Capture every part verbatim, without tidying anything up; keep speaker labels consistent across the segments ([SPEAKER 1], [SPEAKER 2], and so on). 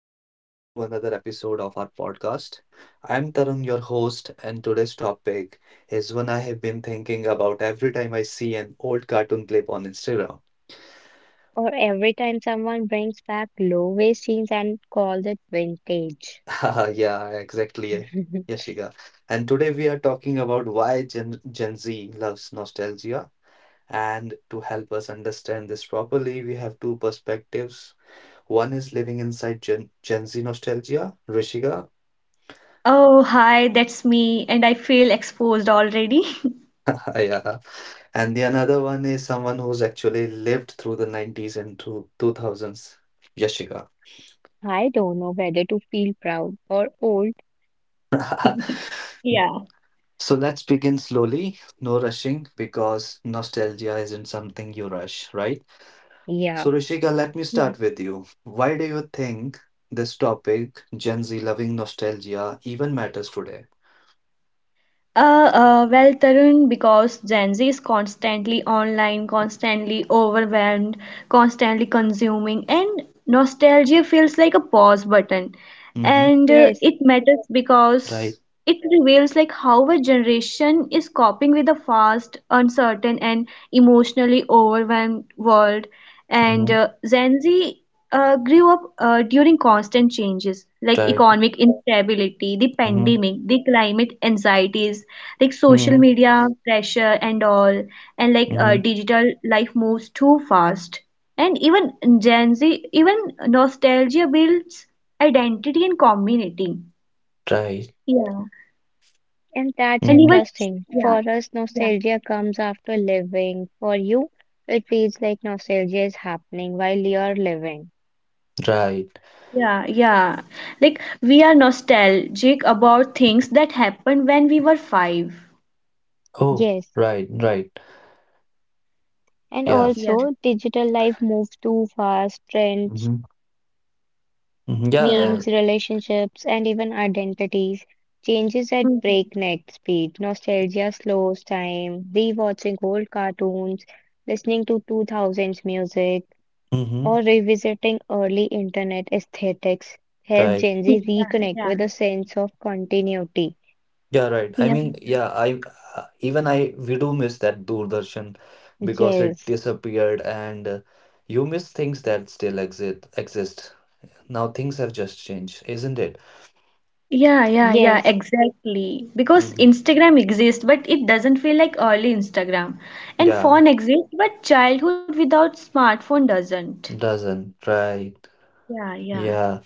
[SPEAKER 1] Welcome back to another episode of our podcast. I'm Tarun, your host, and today's topic is one I have been thinking about every time I see an old cartoon clip on Instagram.
[SPEAKER 2] Or every time someone brings back low waist jeans and calls it vintage.
[SPEAKER 1] Yeah, exactly. Yashika. And today we are talking about why Gen, Gen Z loves nostalgia. And to help us understand this properly, we have two perspectives. One is living inside Gen, Gen Z nostalgia, Rishika.
[SPEAKER 3] Oh, hi, that's me, and I feel exposed already.
[SPEAKER 1] Yeah. And the another one is someone who's actually lived through the nineties and through two thousands, Yashika.
[SPEAKER 2] I don't know whether to feel proud or old.
[SPEAKER 3] Yeah,
[SPEAKER 1] So let's begin slowly, no rushing, because nostalgia isn't something you rush, right?
[SPEAKER 2] Yeah.
[SPEAKER 1] So, Rishika, let me
[SPEAKER 3] yeah.
[SPEAKER 1] start with you. Why do you think this topic, Gen Z loving nostalgia, even matters today?
[SPEAKER 3] Uh, uh, well, Tarun, because Gen Z is constantly online, constantly overwhelmed, constantly consuming, and nostalgia feels like a pause button.
[SPEAKER 1] Mm-hmm.
[SPEAKER 3] And uh,
[SPEAKER 2] Yes.
[SPEAKER 3] It matters
[SPEAKER 1] Right.
[SPEAKER 3] because it reveals like how a generation is coping with a fast uncertain and emotionally overwhelmed world, and
[SPEAKER 1] Mm-hmm.
[SPEAKER 3] uh, gen z uh, grew up uh, during constant changes like
[SPEAKER 1] Right.
[SPEAKER 3] economic instability, the
[SPEAKER 1] Mm-hmm.
[SPEAKER 3] pandemic, the climate anxieties, like social
[SPEAKER 1] Mm-hmm.
[SPEAKER 3] media pressure and all, and like uh,
[SPEAKER 1] Mm-hmm.
[SPEAKER 3] digital life moves too fast. And even Gen Z, even nostalgia builds identity and community.
[SPEAKER 1] Right.
[SPEAKER 3] Yeah.
[SPEAKER 2] And that's
[SPEAKER 3] And
[SPEAKER 1] Mm-hmm.
[SPEAKER 3] even,
[SPEAKER 2] interesting.
[SPEAKER 3] yeah,
[SPEAKER 2] For us,
[SPEAKER 3] yeah,
[SPEAKER 2] nostalgia comes after living. For you, it feels like nostalgia is happening while you're living.
[SPEAKER 1] Right.
[SPEAKER 3] yeah, yeah. Like we are nostalgic about things that happened when we were five.
[SPEAKER 1] Oh,
[SPEAKER 2] Yes.
[SPEAKER 1] right. Right.
[SPEAKER 2] And
[SPEAKER 1] Yeah.
[SPEAKER 3] Yeah,
[SPEAKER 2] also, digital life moves too fast. Trends,
[SPEAKER 1] Mm-hmm. Mm-hmm. Yeah. uh,
[SPEAKER 3] yeah.
[SPEAKER 2] memes, relationships, and even identities changes at
[SPEAKER 3] Mhm.
[SPEAKER 2] breakneck speed. Nostalgia slows time. Rewatching old cartoons, listening to two thousands music,
[SPEAKER 1] Mm-hmm.
[SPEAKER 2] or revisiting early internet aesthetics help
[SPEAKER 1] Right.
[SPEAKER 2] Gen
[SPEAKER 3] Yeah,
[SPEAKER 2] Z reconnect
[SPEAKER 3] yeah,
[SPEAKER 2] with a sense of continuity.
[SPEAKER 1] Yeah, right. I
[SPEAKER 3] yeah,
[SPEAKER 1] mean, yeah, I uh, even I we do miss that Doordarshan because it
[SPEAKER 2] Yes,
[SPEAKER 1] disappeared and uh, you miss things that still exist exist. Now things have just changed, isn't it?
[SPEAKER 3] yeah, yeah, yeah,
[SPEAKER 2] yes,
[SPEAKER 3] exactly. Because
[SPEAKER 1] Mm-hmm.
[SPEAKER 3] Instagram exists, but it doesn't feel like early Instagram. And
[SPEAKER 1] Yeah,
[SPEAKER 3] phone exists, but childhood without smartphone doesn't.
[SPEAKER 1] doesn't. Right.
[SPEAKER 3] Yeah, yeah.
[SPEAKER 1] Yeah.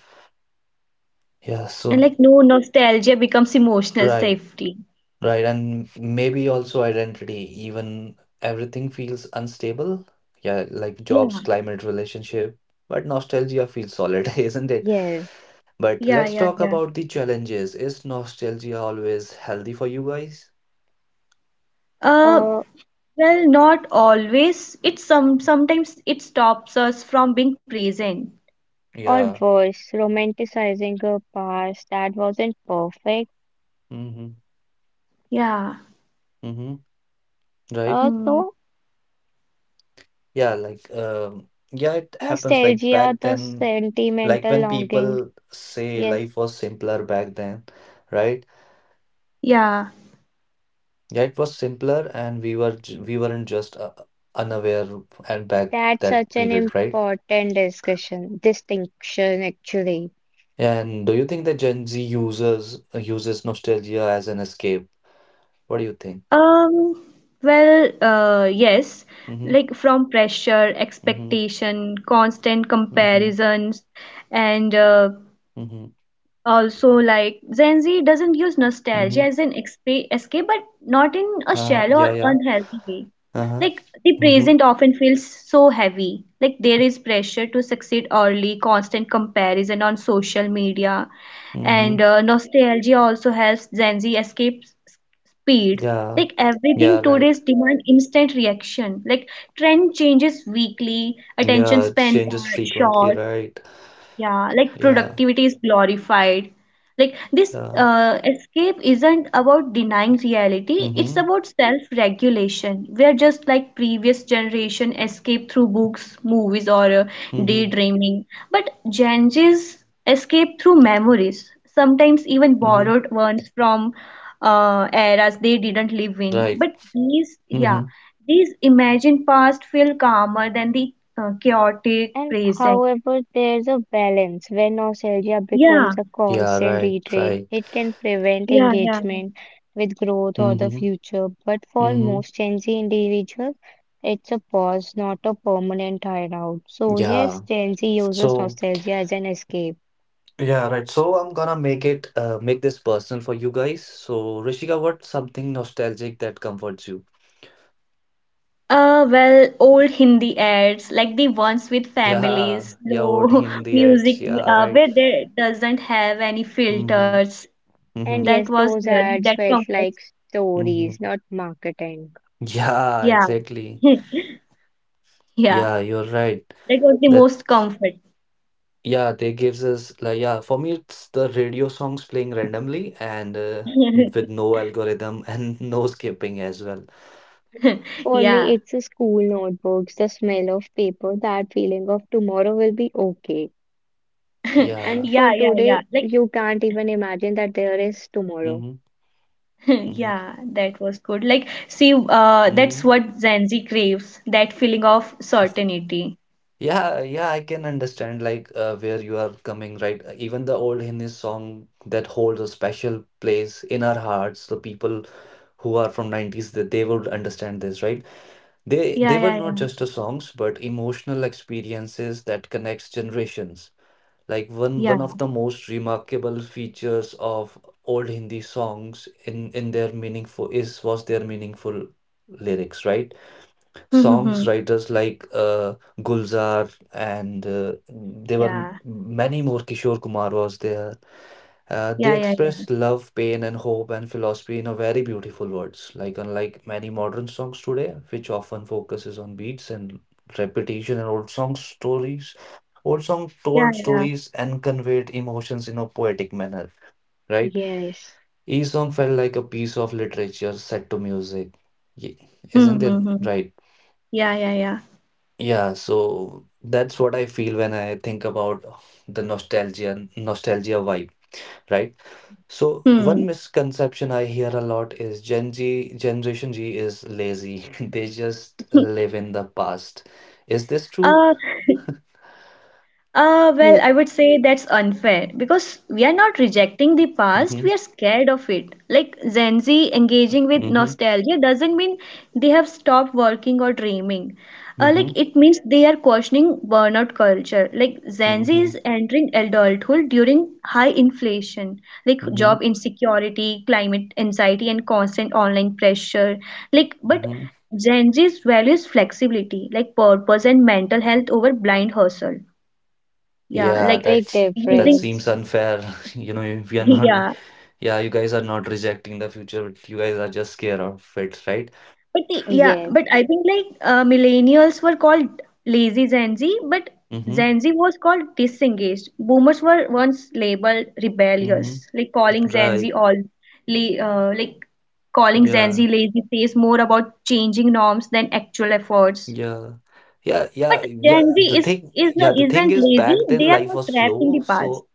[SPEAKER 1] Yeah,
[SPEAKER 3] And
[SPEAKER 1] so
[SPEAKER 3] like no, nostalgia becomes emotional
[SPEAKER 1] right.
[SPEAKER 3] safety.
[SPEAKER 1] Right. And maybe also identity, even everything feels unstable. Yeah, like
[SPEAKER 3] Yeah,
[SPEAKER 1] jobs, climate, relationship, but nostalgia feels solid, isn't it?
[SPEAKER 2] yes.
[SPEAKER 1] But
[SPEAKER 3] yeah,
[SPEAKER 1] let's
[SPEAKER 3] yeah,
[SPEAKER 1] talk
[SPEAKER 3] yeah.
[SPEAKER 1] about the challenges. Is nostalgia always healthy for you guys?
[SPEAKER 3] Uh,
[SPEAKER 2] Uh,
[SPEAKER 3] well, not always. It some sometimes it stops us from being present.
[SPEAKER 2] or
[SPEAKER 1] Yeah.
[SPEAKER 2] worse, romanticizing a past that wasn't perfect.
[SPEAKER 1] Mm-hmm.
[SPEAKER 3] Yeah.
[SPEAKER 1] Mm-hmm. Right?
[SPEAKER 2] Uh,
[SPEAKER 3] Hmm.
[SPEAKER 2] so
[SPEAKER 1] Yeah, like um yeah, it happens like
[SPEAKER 2] Nostalgia,
[SPEAKER 1] back
[SPEAKER 2] the
[SPEAKER 1] then, like
[SPEAKER 2] sentimental
[SPEAKER 1] when
[SPEAKER 2] longing.
[SPEAKER 1] people say
[SPEAKER 2] Yes,
[SPEAKER 1] life was simpler back then, right?
[SPEAKER 3] Yeah.
[SPEAKER 1] Yeah, it was simpler and we were ju- we weren't just uh, unaware and back
[SPEAKER 2] that's
[SPEAKER 1] that
[SPEAKER 2] such an
[SPEAKER 1] period, right?
[SPEAKER 2] important discussion, distinction actually.
[SPEAKER 1] And do you think that Gen Z users uses nostalgia as an escape? What do you think?
[SPEAKER 3] Um. Well. Uh. Yes.
[SPEAKER 1] Mm-hmm.
[SPEAKER 3] Like from pressure,
[SPEAKER 1] Mm-hmm.
[SPEAKER 3] expectation, constant
[SPEAKER 1] Mm-hmm.
[SPEAKER 3] comparisons, and uh,
[SPEAKER 1] Mm-hmm.
[SPEAKER 3] also like Gen Z doesn't use nostalgia
[SPEAKER 1] Mhm.
[SPEAKER 3] as an expa- escape, but not in a
[SPEAKER 1] Uh,
[SPEAKER 3] shallow
[SPEAKER 1] yeah,
[SPEAKER 3] or
[SPEAKER 1] yeah.
[SPEAKER 3] unhealthy way.
[SPEAKER 1] Uh-huh.
[SPEAKER 3] Like the
[SPEAKER 1] Mhm.
[SPEAKER 3] present often feels so heavy. Like there is pressure to succeed early, constant comparison on social media, and
[SPEAKER 1] Mhm.
[SPEAKER 3] uh, nostalgia also helps Gen Z escape s- speed.
[SPEAKER 1] Yeah.
[SPEAKER 3] Like everything
[SPEAKER 1] Yeah, right.
[SPEAKER 3] today's demand instant reaction. Like trend changes weekly, attention
[SPEAKER 1] Yeah, it
[SPEAKER 3] spans
[SPEAKER 1] changes
[SPEAKER 3] are
[SPEAKER 1] frequently,
[SPEAKER 3] short,
[SPEAKER 1] right?
[SPEAKER 3] yeah, like
[SPEAKER 1] Yeah.
[SPEAKER 3] productivity is glorified. Like this
[SPEAKER 1] Yeah.
[SPEAKER 3] uh, escape isn't about denying reality, it's
[SPEAKER 1] Mhm.
[SPEAKER 3] about self-regulation. We're just like previous generation escape through books, movies, or uh,
[SPEAKER 1] Mhm.
[SPEAKER 3] daydreaming. But Gen Z's escape through memories, sometimes even
[SPEAKER 1] Mhm.
[SPEAKER 3] borrowed ones from uh, eras they didn't live in.
[SPEAKER 1] Right.
[SPEAKER 3] But these, yeah,
[SPEAKER 1] Mhm.
[SPEAKER 3] these imagined past feel calmer than the uh, chaotic
[SPEAKER 2] And
[SPEAKER 3] present.
[SPEAKER 2] however, there's a balance when nostalgia becomes
[SPEAKER 3] Yeah.
[SPEAKER 2] a
[SPEAKER 1] Yeah,
[SPEAKER 2] constant
[SPEAKER 1] right.
[SPEAKER 2] retreat,
[SPEAKER 1] Right.
[SPEAKER 2] it can prevent
[SPEAKER 3] Yeah, yeah, yeah.
[SPEAKER 2] engagement with growth or the
[SPEAKER 1] Mhm.
[SPEAKER 2] future. But for
[SPEAKER 1] Mhm.
[SPEAKER 2] most Gen Z individuals, it's a pause, not a permanent hideout. So yes,
[SPEAKER 1] Yeah.
[SPEAKER 2] Gen Z uses
[SPEAKER 1] So,
[SPEAKER 2] nostalgia as an escape.
[SPEAKER 1] yeah, right. So I'm gonna make it uh make this personal for you guys. So, Rishika, what's something nostalgic that comforts you?
[SPEAKER 3] Uh, well, old Hindi ads, like the ones with families,
[SPEAKER 1] Yeah. Yeah, old
[SPEAKER 3] slow
[SPEAKER 1] Hindi
[SPEAKER 3] music,
[SPEAKER 1] ads. Yeah,
[SPEAKER 3] uh,
[SPEAKER 1] right.
[SPEAKER 3] where there doesn't have any
[SPEAKER 1] Mhm.
[SPEAKER 3] filters.
[SPEAKER 2] And
[SPEAKER 1] Mhm.
[SPEAKER 3] That
[SPEAKER 2] yes,
[SPEAKER 3] was
[SPEAKER 2] those
[SPEAKER 3] really that
[SPEAKER 2] ads felt
[SPEAKER 3] comfort.
[SPEAKER 2] like stories,
[SPEAKER 1] Mhm.
[SPEAKER 2] not marketing.
[SPEAKER 1] Yeah,
[SPEAKER 3] Yeah,
[SPEAKER 1] exactly.
[SPEAKER 3] yeah,
[SPEAKER 1] Yeah, you're right.
[SPEAKER 3] that was the
[SPEAKER 1] That
[SPEAKER 3] most comfort.
[SPEAKER 1] yeah, they gives us like yeah, for me it's the radio songs playing randomly and uh, with no algorithm and no skipping as well.
[SPEAKER 2] For me,
[SPEAKER 3] Yeah,
[SPEAKER 2] it's the school notebooks, the smell of paper, that feeling of tomorrow will be okay. And
[SPEAKER 1] Yeah.
[SPEAKER 2] for
[SPEAKER 3] yeah, yeah,
[SPEAKER 2] today,
[SPEAKER 3] yeah. Like,
[SPEAKER 2] you can't even imagine that there is tomorrow.
[SPEAKER 1] Mm-hmm. Mm-hmm.
[SPEAKER 3] yeah, that was good. Like, see, uh, that's
[SPEAKER 1] Mm-hmm.
[SPEAKER 3] what Gen Z craves, that feeling of certainty.
[SPEAKER 1] Yeah, yeah, I can understand like uh, where you are coming right. Uh, even the old Hindi song that holds a special place in our hearts, the people who are from nineties that they would understand this, right? They they
[SPEAKER 3] Yeah,
[SPEAKER 1] were
[SPEAKER 3] yeah,
[SPEAKER 1] not
[SPEAKER 3] yeah,
[SPEAKER 1] just the songs, but emotional experiences that connects generations. Like one
[SPEAKER 3] yeah.
[SPEAKER 1] one of the most remarkable features of old Hindi songs in in their meaningful is was their meaningful lyrics, right? Songs writers like uh, Gulzar and uh, there were m-
[SPEAKER 3] Yeah.
[SPEAKER 1] many more. Kishore Kumar was there. Uh, they
[SPEAKER 3] Yeah, yeah, yeah.
[SPEAKER 1] expressed love, pain, and hope and philosophy in a very beautiful words. Like unlike many modern songs today, which often focuses on beats and repetition and old song stories, old song
[SPEAKER 3] Yeah,
[SPEAKER 1] told
[SPEAKER 3] yeah.
[SPEAKER 1] stories and conveyed emotions in a poetic manner. Right?
[SPEAKER 2] Yes.
[SPEAKER 1] Each song felt like a piece of literature set to music. Ye-
[SPEAKER 3] Hmm,
[SPEAKER 1] Isn't it
[SPEAKER 3] hmm, hmm.
[SPEAKER 1] right?
[SPEAKER 3] Yeah, yeah, yeah.
[SPEAKER 1] Yeah. So that's what I feel when I think about the nostalgia nostalgia vibe, right? So
[SPEAKER 3] Hmm.
[SPEAKER 1] one misconception I hear a lot is Gen Z Generation G is lazy. They just live in the past. Is this true?
[SPEAKER 3] Uh, Uh, well,
[SPEAKER 2] Hmm,
[SPEAKER 3] I would say that's unfair because we are not rejecting the past,
[SPEAKER 1] Mm-hmm.
[SPEAKER 3] we are scared of it. Like Gen Z engaging with
[SPEAKER 1] Mm-hmm.
[SPEAKER 3] nostalgia doesn't mean they have stopped working or dreaming. Uh,
[SPEAKER 1] Mm-hmm.
[SPEAKER 3] like it means they are questioning burnout culture. Like Gen Z
[SPEAKER 1] Mm-hmm.
[SPEAKER 3] is entering adulthood during high inflation, like
[SPEAKER 1] Mm-hmm.
[SPEAKER 3] job insecurity, climate anxiety, and constant online pressure. Like, but
[SPEAKER 1] Mm-hmm.
[SPEAKER 3] Gen Z's values flexibility, like purpose and mental health over blind hustle, yeah,
[SPEAKER 1] Yeah,
[SPEAKER 3] like
[SPEAKER 2] big
[SPEAKER 1] that's that
[SPEAKER 3] using,
[SPEAKER 2] difference.
[SPEAKER 1] seems unfair. You know, we are not,
[SPEAKER 3] yeah.
[SPEAKER 1] yeah, you guys are not rejecting the future, but you guys are just scared of it, right?
[SPEAKER 3] But the- yeah,
[SPEAKER 2] Yes.
[SPEAKER 3] but I think like uh, millennials were called lazy Gen Z, but
[SPEAKER 1] Mm-hmm.
[SPEAKER 3] Gen Z was called disengaged. Boomers were once labeled
[SPEAKER 1] Mm-hmm.
[SPEAKER 3] rebellious, like calling Gen
[SPEAKER 1] Right.
[SPEAKER 3] Z all la- uh, like calling Gen Z
[SPEAKER 1] Yeah.
[SPEAKER 3] lazy says more about changing norms than actual efforts.
[SPEAKER 1] Yeah. Yeah, yeah,
[SPEAKER 3] But
[SPEAKER 1] yeah.
[SPEAKER 3] Gen Z
[SPEAKER 1] The
[SPEAKER 3] is
[SPEAKER 1] thing,
[SPEAKER 3] is
[SPEAKER 1] yeah, the thing
[SPEAKER 3] isn't
[SPEAKER 1] is
[SPEAKER 3] lazy.
[SPEAKER 1] back
[SPEAKER 3] They
[SPEAKER 1] then
[SPEAKER 3] are
[SPEAKER 1] life
[SPEAKER 3] not
[SPEAKER 1] was
[SPEAKER 3] trapped in
[SPEAKER 1] slow.
[SPEAKER 3] the past.
[SPEAKER 1] So,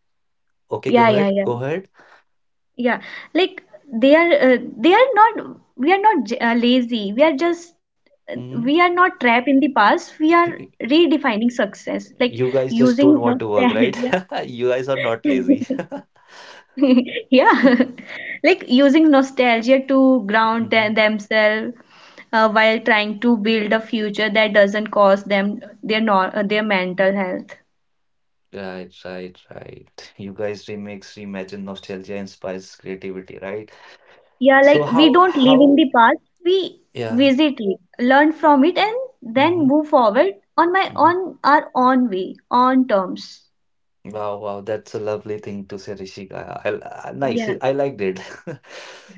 [SPEAKER 1] okay,
[SPEAKER 3] Yeah,
[SPEAKER 1] go
[SPEAKER 3] yeah,
[SPEAKER 1] ahead, go
[SPEAKER 3] yeah.
[SPEAKER 1] ahead.
[SPEAKER 3] Yeah, like they are uh, they are not we are not j- uh, lazy. We are just uh,
[SPEAKER 1] Hmm.
[SPEAKER 3] we are not trapped in the past. We are redefining success, like
[SPEAKER 1] You guys just don't
[SPEAKER 3] using
[SPEAKER 1] want to work, right?
[SPEAKER 3] nostalgia.
[SPEAKER 1] You guys are not lazy.
[SPEAKER 3] Yeah, like using nostalgia to ground
[SPEAKER 1] Hmm.
[SPEAKER 3] them themselves uh, while trying to build a future that doesn't cost them their no uh, their mental health.
[SPEAKER 1] Right, right, right. You guys remix, reimagine, nostalgia inspires creativity, right?
[SPEAKER 3] Yeah,
[SPEAKER 1] So
[SPEAKER 3] like we
[SPEAKER 1] how,
[SPEAKER 3] don't live in
[SPEAKER 1] how,
[SPEAKER 3] the past, we
[SPEAKER 1] yeah.
[SPEAKER 3] visit it, learn from it, and then
[SPEAKER 1] Mm-hmm.
[SPEAKER 3] move forward on my on our own way, on terms.
[SPEAKER 1] Wow, wow, that's a lovely thing to say, Rishika. I, I, I- nice,
[SPEAKER 3] Yeah,
[SPEAKER 1] I liked it.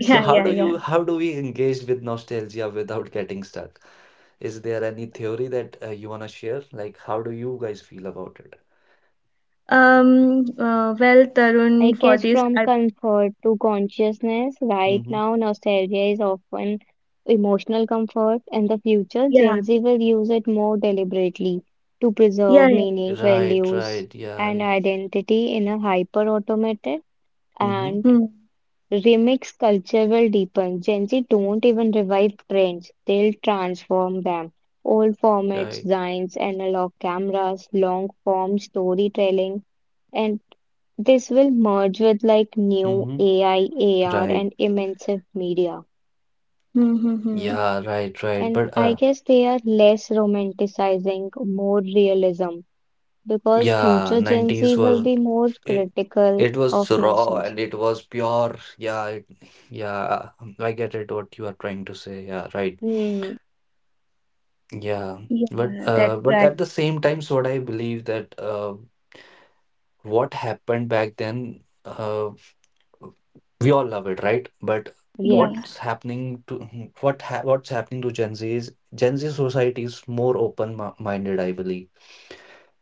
[SPEAKER 1] So
[SPEAKER 3] yeah,
[SPEAKER 1] how
[SPEAKER 3] yeah,
[SPEAKER 1] do
[SPEAKER 3] yeah.
[SPEAKER 1] you, how do we engage with nostalgia without getting stuck? Is there any theory that uh, you wanna share? Like, how do you guys feel about it?
[SPEAKER 3] Um, uh, well,
[SPEAKER 2] I
[SPEAKER 3] Tarun, for
[SPEAKER 2] guess
[SPEAKER 3] this,
[SPEAKER 2] from
[SPEAKER 3] I,
[SPEAKER 2] comfort to consciousness, right
[SPEAKER 1] Mm-hmm.
[SPEAKER 2] now nostalgia is often emotional comfort. In the future,
[SPEAKER 3] yeah,
[SPEAKER 2] Gen Z will use it more deliberately to
[SPEAKER 3] yeah,
[SPEAKER 2] preserve
[SPEAKER 3] yeah.
[SPEAKER 2] meaning,
[SPEAKER 1] Right,
[SPEAKER 2] values,
[SPEAKER 1] right,
[SPEAKER 2] and
[SPEAKER 1] yeah.
[SPEAKER 2] identity in a hyper automated
[SPEAKER 1] Mm-hmm.
[SPEAKER 2] and
[SPEAKER 3] Hmm,
[SPEAKER 2] remix culture will deepen. Gen Z don't even revive trends, they'll transform them. Old formats,
[SPEAKER 1] Right.
[SPEAKER 2] designs, analog cameras, long form storytelling, and this will merge with like new
[SPEAKER 1] Mm-hmm.
[SPEAKER 2] A I, A R,
[SPEAKER 1] Right.
[SPEAKER 2] and immersive media.
[SPEAKER 3] hmm, hmm, hmm.
[SPEAKER 1] Yeah, right, right.
[SPEAKER 2] And
[SPEAKER 1] But
[SPEAKER 2] I
[SPEAKER 1] uh,
[SPEAKER 2] guess they are less romanticizing, more realism, because
[SPEAKER 1] yeah,
[SPEAKER 2] future Gen
[SPEAKER 1] nineties
[SPEAKER 2] Z will
[SPEAKER 1] were
[SPEAKER 2] be more
[SPEAKER 1] it
[SPEAKER 2] critical
[SPEAKER 1] it
[SPEAKER 2] of
[SPEAKER 1] was raw
[SPEAKER 2] nostalgia.
[SPEAKER 1] and it was pure. Yeah, it, yeah, I get it what you are trying to say. Yeah, right.
[SPEAKER 2] Hmm,
[SPEAKER 1] Yeah,
[SPEAKER 3] Yeah,
[SPEAKER 1] but
[SPEAKER 3] that's
[SPEAKER 1] uh, but
[SPEAKER 3] right.
[SPEAKER 1] at the same time, so what I believe that uh, what happened back then, uh, we all love it, right? But
[SPEAKER 3] Yeah.
[SPEAKER 2] yes.
[SPEAKER 1] what's happening to what ha what's happening to Gen Z is Gen Z society is more open-minded, I believe,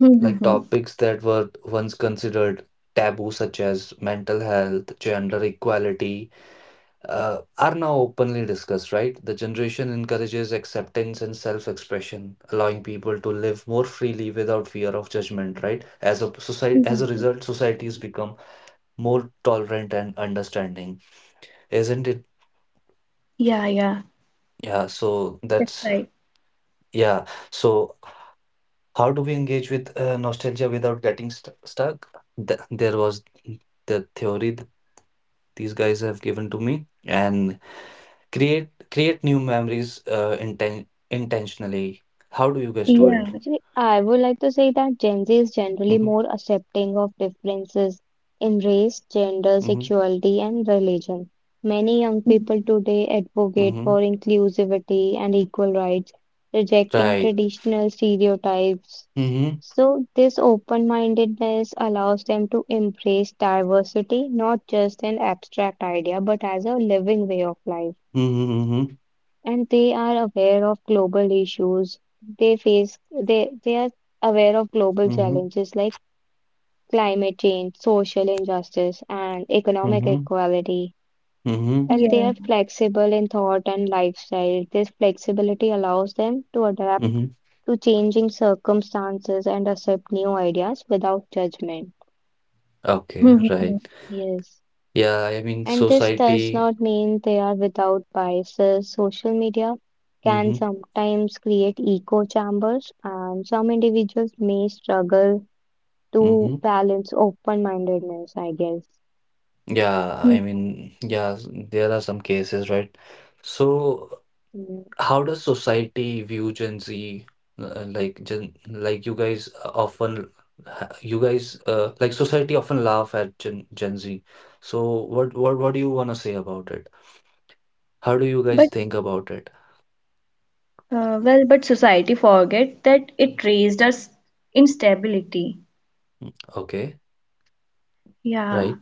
[SPEAKER 3] Hmm, hmm,
[SPEAKER 1] like
[SPEAKER 3] hmm.
[SPEAKER 1] topics that were once considered taboo, such as mental health, gender equality, uh, are now openly discussed, right? The generation encourages acceptance and self expression, allowing people to live more freely without fear of judgment, right? As a
[SPEAKER 3] Hmm,
[SPEAKER 1] society, as
[SPEAKER 3] hmm,
[SPEAKER 1] a
[SPEAKER 3] hmm.
[SPEAKER 1] result, society has become more tolerant and understanding, isn't it?
[SPEAKER 3] Yeah, yeah,
[SPEAKER 1] Yeah, so
[SPEAKER 3] that's
[SPEAKER 1] that's,
[SPEAKER 3] right.
[SPEAKER 1] yeah. So, how do we engage with uh, nostalgia without getting st- stuck? Th- there was the theory these guys have given to me and create create new memories uh, inten- intentionally, how do you guys do
[SPEAKER 3] Yeah,
[SPEAKER 1] it?
[SPEAKER 2] Actually, I would like to say that Gen Z is generally
[SPEAKER 1] Mm-hmm,
[SPEAKER 2] more accepting of differences in race, gender,
[SPEAKER 1] mm-hmm,
[SPEAKER 2] sexuality, and religion. Many young people
[SPEAKER 3] hmm,
[SPEAKER 2] today advocate
[SPEAKER 1] mm-hmm.
[SPEAKER 2] for inclusivity and equal rights, rejecting
[SPEAKER 1] Right.
[SPEAKER 2] traditional stereotypes.
[SPEAKER 1] Mm-hmm,
[SPEAKER 2] So, this open mindedness allows them to embrace diversity, not just an abstract idea, but as a living way of life,
[SPEAKER 1] mm-hmm,
[SPEAKER 2] and they are aware of global issues. They face they they are aware of global
[SPEAKER 1] mm-hmm, mm-hmm,
[SPEAKER 2] challenges like climate change, social injustice, and economic
[SPEAKER 1] mm-hmm,
[SPEAKER 2] equality.
[SPEAKER 1] mm-hmm.
[SPEAKER 2] And they
[SPEAKER 3] yeah.
[SPEAKER 2] are flexible in thought and lifestyle. This flexibility allows them to adapt
[SPEAKER 1] Mm-hmm.
[SPEAKER 2] to changing circumstances and accept new ideas without judgment.
[SPEAKER 3] Hmm,
[SPEAKER 1] Okay,
[SPEAKER 3] hmm,
[SPEAKER 1] right.
[SPEAKER 3] hmm.
[SPEAKER 2] Yes.
[SPEAKER 1] Yeah, I mean
[SPEAKER 2] And this does
[SPEAKER 1] society,
[SPEAKER 2] not mean they are without biases. Social media
[SPEAKER 1] mm-hmm,
[SPEAKER 2] can sometimes create echo chambers, and some individuals may struggle to
[SPEAKER 1] mm-hmm.
[SPEAKER 2] balance open-mindedness, I guess.
[SPEAKER 1] Yeah,
[SPEAKER 3] Hmm.
[SPEAKER 1] I mean yeah, there are some cases right. So
[SPEAKER 2] Mm.
[SPEAKER 1] how does society view Gen Z? Uh, like Gen, like you guys uh, often, ha- you guys uh, like society often laugh at Gen, Gen Z. So what what what do you wanna say about it? How do you guys
[SPEAKER 3] But
[SPEAKER 1] think about it?
[SPEAKER 3] Uh, well, but society forget that it raised us instability.
[SPEAKER 1] Okay,
[SPEAKER 3] Yeah,
[SPEAKER 1] right.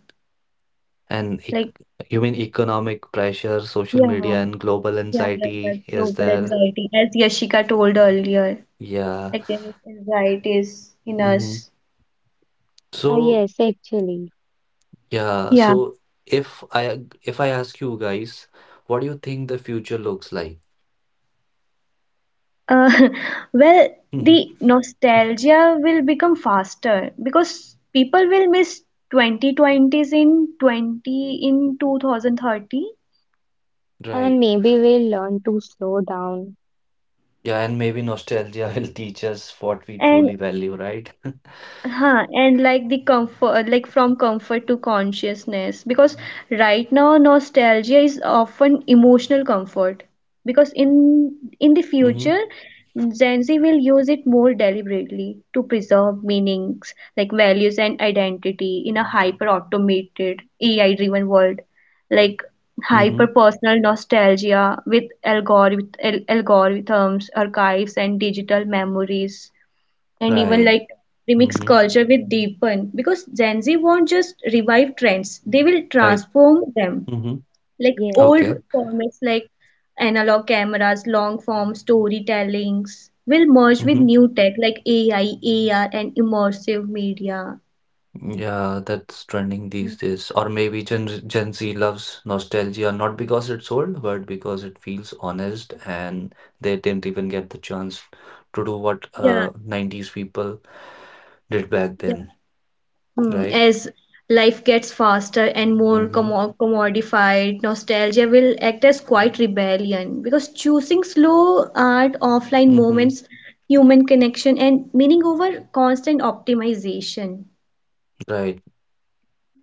[SPEAKER 1] And ec-
[SPEAKER 3] like
[SPEAKER 1] you mean economic pressure, social
[SPEAKER 3] yeah,
[SPEAKER 1] media, and global
[SPEAKER 3] yeah, yeah, that
[SPEAKER 1] anxiety is
[SPEAKER 3] global
[SPEAKER 1] there?
[SPEAKER 3] anxiety, as Yashika told earlier,
[SPEAKER 1] Yeah.
[SPEAKER 3] like there is anxieties in
[SPEAKER 1] Hmm.
[SPEAKER 3] us.
[SPEAKER 2] Ah
[SPEAKER 1] So
[SPEAKER 2] yes, actually.
[SPEAKER 1] yeah.
[SPEAKER 3] Yeah.
[SPEAKER 1] So if I if I ask you guys, what do you think the future looks like?
[SPEAKER 3] Uh, well, the nostalgia will become faster because people will miss twenty twenties in twenty in two thousand thirty
[SPEAKER 1] Right.
[SPEAKER 2] And maybe we'll learn to slow down.
[SPEAKER 1] Yeah, and maybe nostalgia will teach us what we
[SPEAKER 3] and
[SPEAKER 1] truly value, right?
[SPEAKER 3] Huh, and like the comfort, like from comfort to consciousness, because right now nostalgia is often emotional comfort. Because in in the
[SPEAKER 1] Mm-hmm.
[SPEAKER 3] future, Gen Z will use it more deliberately to preserve meanings, like values and identity in a hyper automated, A I driven world. Like hyper
[SPEAKER 1] Mm-hmm.
[SPEAKER 3] personal nostalgia with algorithm algorithms, archives, and digital memories, and even
[SPEAKER 1] Right.
[SPEAKER 3] like remix
[SPEAKER 1] Mm-hmm.
[SPEAKER 3] culture with deepen because Gen Z won't just revive trends, they will
[SPEAKER 1] Right.
[SPEAKER 3] transform them.
[SPEAKER 1] Mm-hmm.
[SPEAKER 3] Like
[SPEAKER 2] Yes.
[SPEAKER 3] old
[SPEAKER 1] Okay.
[SPEAKER 3] formats like analog cameras, long form storytellings will merge with
[SPEAKER 1] Mm-hmm.
[SPEAKER 3] new tech like A I, A R, and immersive media.
[SPEAKER 1] Yeah, that's trending
[SPEAKER 3] Mm,
[SPEAKER 1] these days. Or maybe Gen Gen Z loves nostalgia not because it's old, but because it feels honest and they didn't even get the chance to do what
[SPEAKER 3] Yeah,
[SPEAKER 1] uh nineties people did back
[SPEAKER 3] yeah.
[SPEAKER 1] then,
[SPEAKER 3] Hmm,
[SPEAKER 1] right?
[SPEAKER 3] as life gets faster and more
[SPEAKER 1] Mm-hmm.
[SPEAKER 3] commo- commodified, nostalgia will act as quite rebellion because choosing slow art, offline
[SPEAKER 1] Mm-hmm.
[SPEAKER 3] moments, human connection, and meaning over constant optimization.
[SPEAKER 1] Right.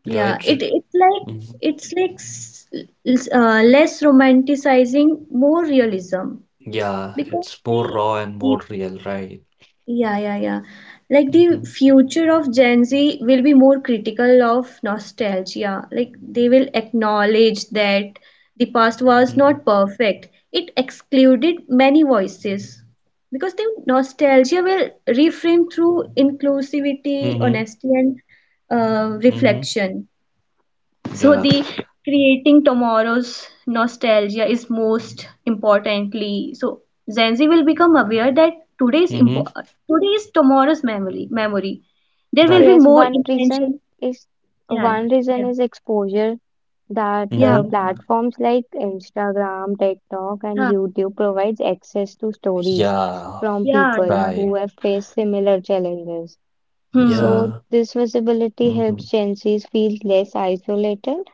[SPEAKER 1] Yeah,
[SPEAKER 3] Yeah,
[SPEAKER 1] it's
[SPEAKER 3] it it's like it's like s- s- uh, less romanticizing, more realism
[SPEAKER 1] yeah,
[SPEAKER 3] because
[SPEAKER 1] it's more
[SPEAKER 3] the
[SPEAKER 1] raw and more real, right?
[SPEAKER 3] Yeah, yeah, yeah. Like the
[SPEAKER 1] Mm-hmm,
[SPEAKER 3] future of Gen Z will be more critical of nostalgia. Like they will acknowledge that the past was
[SPEAKER 1] mm-hmm,
[SPEAKER 3] not perfect. It excluded many voices. Because the nostalgia will reframe through inclusivity,
[SPEAKER 1] mm-hmm,
[SPEAKER 3] honesty, and uh,
[SPEAKER 1] mm-hmm.
[SPEAKER 3] reflection. So
[SPEAKER 1] Yeah,
[SPEAKER 3] the creating tomorrow's nostalgia is most importantly. So Gen Z will become aware that today's
[SPEAKER 1] mm-hmm,
[SPEAKER 3] impo- today is tomorrow's memory. Memory. There will be
[SPEAKER 1] right.
[SPEAKER 2] Yes,
[SPEAKER 3] more
[SPEAKER 2] one reason
[SPEAKER 3] intention.
[SPEAKER 2] is
[SPEAKER 3] Yeah,
[SPEAKER 2] one reason
[SPEAKER 3] yeah,
[SPEAKER 2] is exposure that
[SPEAKER 3] yeah,
[SPEAKER 2] uh,
[SPEAKER 1] Mm-hmm.
[SPEAKER 2] platforms like Instagram, TikTok, and
[SPEAKER 3] yeah,
[SPEAKER 2] YouTube provides access to stories
[SPEAKER 1] Yeah,
[SPEAKER 2] from
[SPEAKER 3] yeah, yeah,
[SPEAKER 2] people
[SPEAKER 3] yeah.
[SPEAKER 1] right.
[SPEAKER 2] who
[SPEAKER 3] yeah.
[SPEAKER 2] have faced similar challenges. So
[SPEAKER 3] Hmm.
[SPEAKER 1] Yeah,
[SPEAKER 2] this visibility
[SPEAKER 1] mm-hmm,
[SPEAKER 2] helps Gen Zs feel less isolated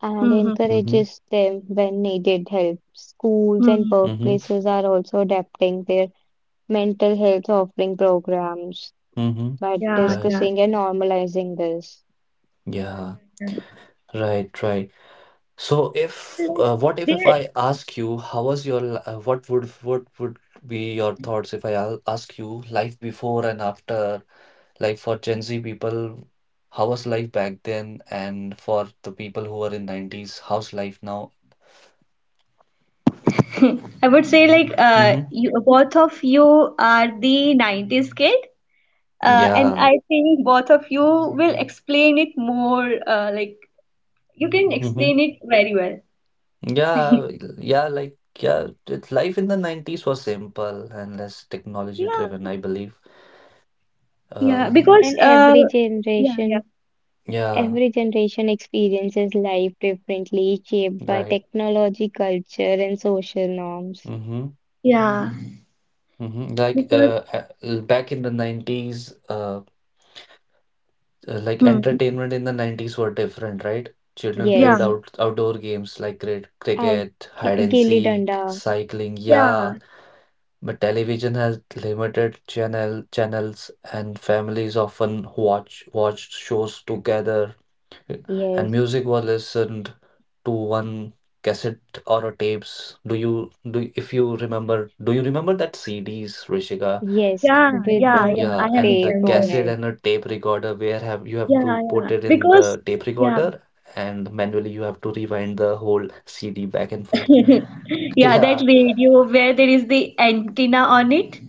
[SPEAKER 2] and
[SPEAKER 3] Hmm. Hmm.
[SPEAKER 1] mm-hmm,
[SPEAKER 2] encourages them when needed help. Schools and
[SPEAKER 3] hmm.
[SPEAKER 1] mm-hmm,
[SPEAKER 2] workplaces are also adapting their mental health offering programs
[SPEAKER 1] mm-hmm.
[SPEAKER 2] by
[SPEAKER 3] Yeah.
[SPEAKER 1] Right.
[SPEAKER 3] Yeah.
[SPEAKER 2] discussing and normalizing this.
[SPEAKER 3] Yeah.
[SPEAKER 1] Yeah,
[SPEAKER 3] Yeah.
[SPEAKER 1] right, right. So
[SPEAKER 3] yeah.
[SPEAKER 1] if
[SPEAKER 3] Like
[SPEAKER 1] uh, what if if
[SPEAKER 3] there.
[SPEAKER 1] I ask you how was your li- uh, what would what would be your thoughts if I al- ask you life before and after, like for Gen Z people, how was life back then? And for the people who are in nineties, how's life now?
[SPEAKER 3] I would say like uh,
[SPEAKER 1] Mm-hmm.
[SPEAKER 3] you both of you are the nineties kid. Uh, and I
[SPEAKER 1] Yeah.
[SPEAKER 3] think both of you will explain it more, uh, like you can
[SPEAKER 1] Mm-hmm.
[SPEAKER 3] explain it very well.
[SPEAKER 1] Yeah. Yeah. Like, yeah, it, life in the nineties was simple and less technology
[SPEAKER 3] Yeah,
[SPEAKER 1] driven, I believe. Uh,
[SPEAKER 3] yeah, because
[SPEAKER 2] And
[SPEAKER 3] uh,
[SPEAKER 2] every
[SPEAKER 3] yeah, yeah,
[SPEAKER 2] generation,
[SPEAKER 1] yeah.
[SPEAKER 2] every generation experiences life differently, shaped by
[SPEAKER 1] Right.
[SPEAKER 2] technology, culture, and social norms.
[SPEAKER 1] Mm-hmm.
[SPEAKER 3] yeah,
[SPEAKER 1] Mm-hmm. Like,
[SPEAKER 3] because
[SPEAKER 1] uh, uh, back in the nineties, uh, uh, like
[SPEAKER 3] hmm.
[SPEAKER 1] entertainment in the nineties were different, right? Children
[SPEAKER 3] yeah,
[SPEAKER 1] played
[SPEAKER 2] Yes.
[SPEAKER 1] out outdoor games like cri-
[SPEAKER 2] Out
[SPEAKER 1] cricket, hide and
[SPEAKER 2] Gilly
[SPEAKER 1] seek,
[SPEAKER 2] Danda.
[SPEAKER 1] cycling,
[SPEAKER 3] yeah,
[SPEAKER 1] yeah. But television has limited channel channels and families often watch watched shows together and
[SPEAKER 2] Yes.
[SPEAKER 1] music was listened to one cassette or a tapes. Do you do if you remember do you remember that C Ds, Rishika?
[SPEAKER 2] Yes.
[SPEAKER 3] yeah,
[SPEAKER 2] With
[SPEAKER 3] yeah,
[SPEAKER 2] the
[SPEAKER 3] yeah. I
[SPEAKER 1] Yeah,
[SPEAKER 3] have
[SPEAKER 1] and the
[SPEAKER 2] tape on
[SPEAKER 3] remembered.
[SPEAKER 1] cassette
[SPEAKER 2] it.
[SPEAKER 1] and a tape recorder where have you have
[SPEAKER 3] Yeah,
[SPEAKER 1] to
[SPEAKER 3] yeah,
[SPEAKER 1] put it in
[SPEAKER 3] because
[SPEAKER 1] the tape
[SPEAKER 3] yeah,
[SPEAKER 1] recorder and manually you have to rewind the whole C D back and forth.
[SPEAKER 3] yeah, that
[SPEAKER 1] Yeah,
[SPEAKER 3] radio where there is the antenna on it.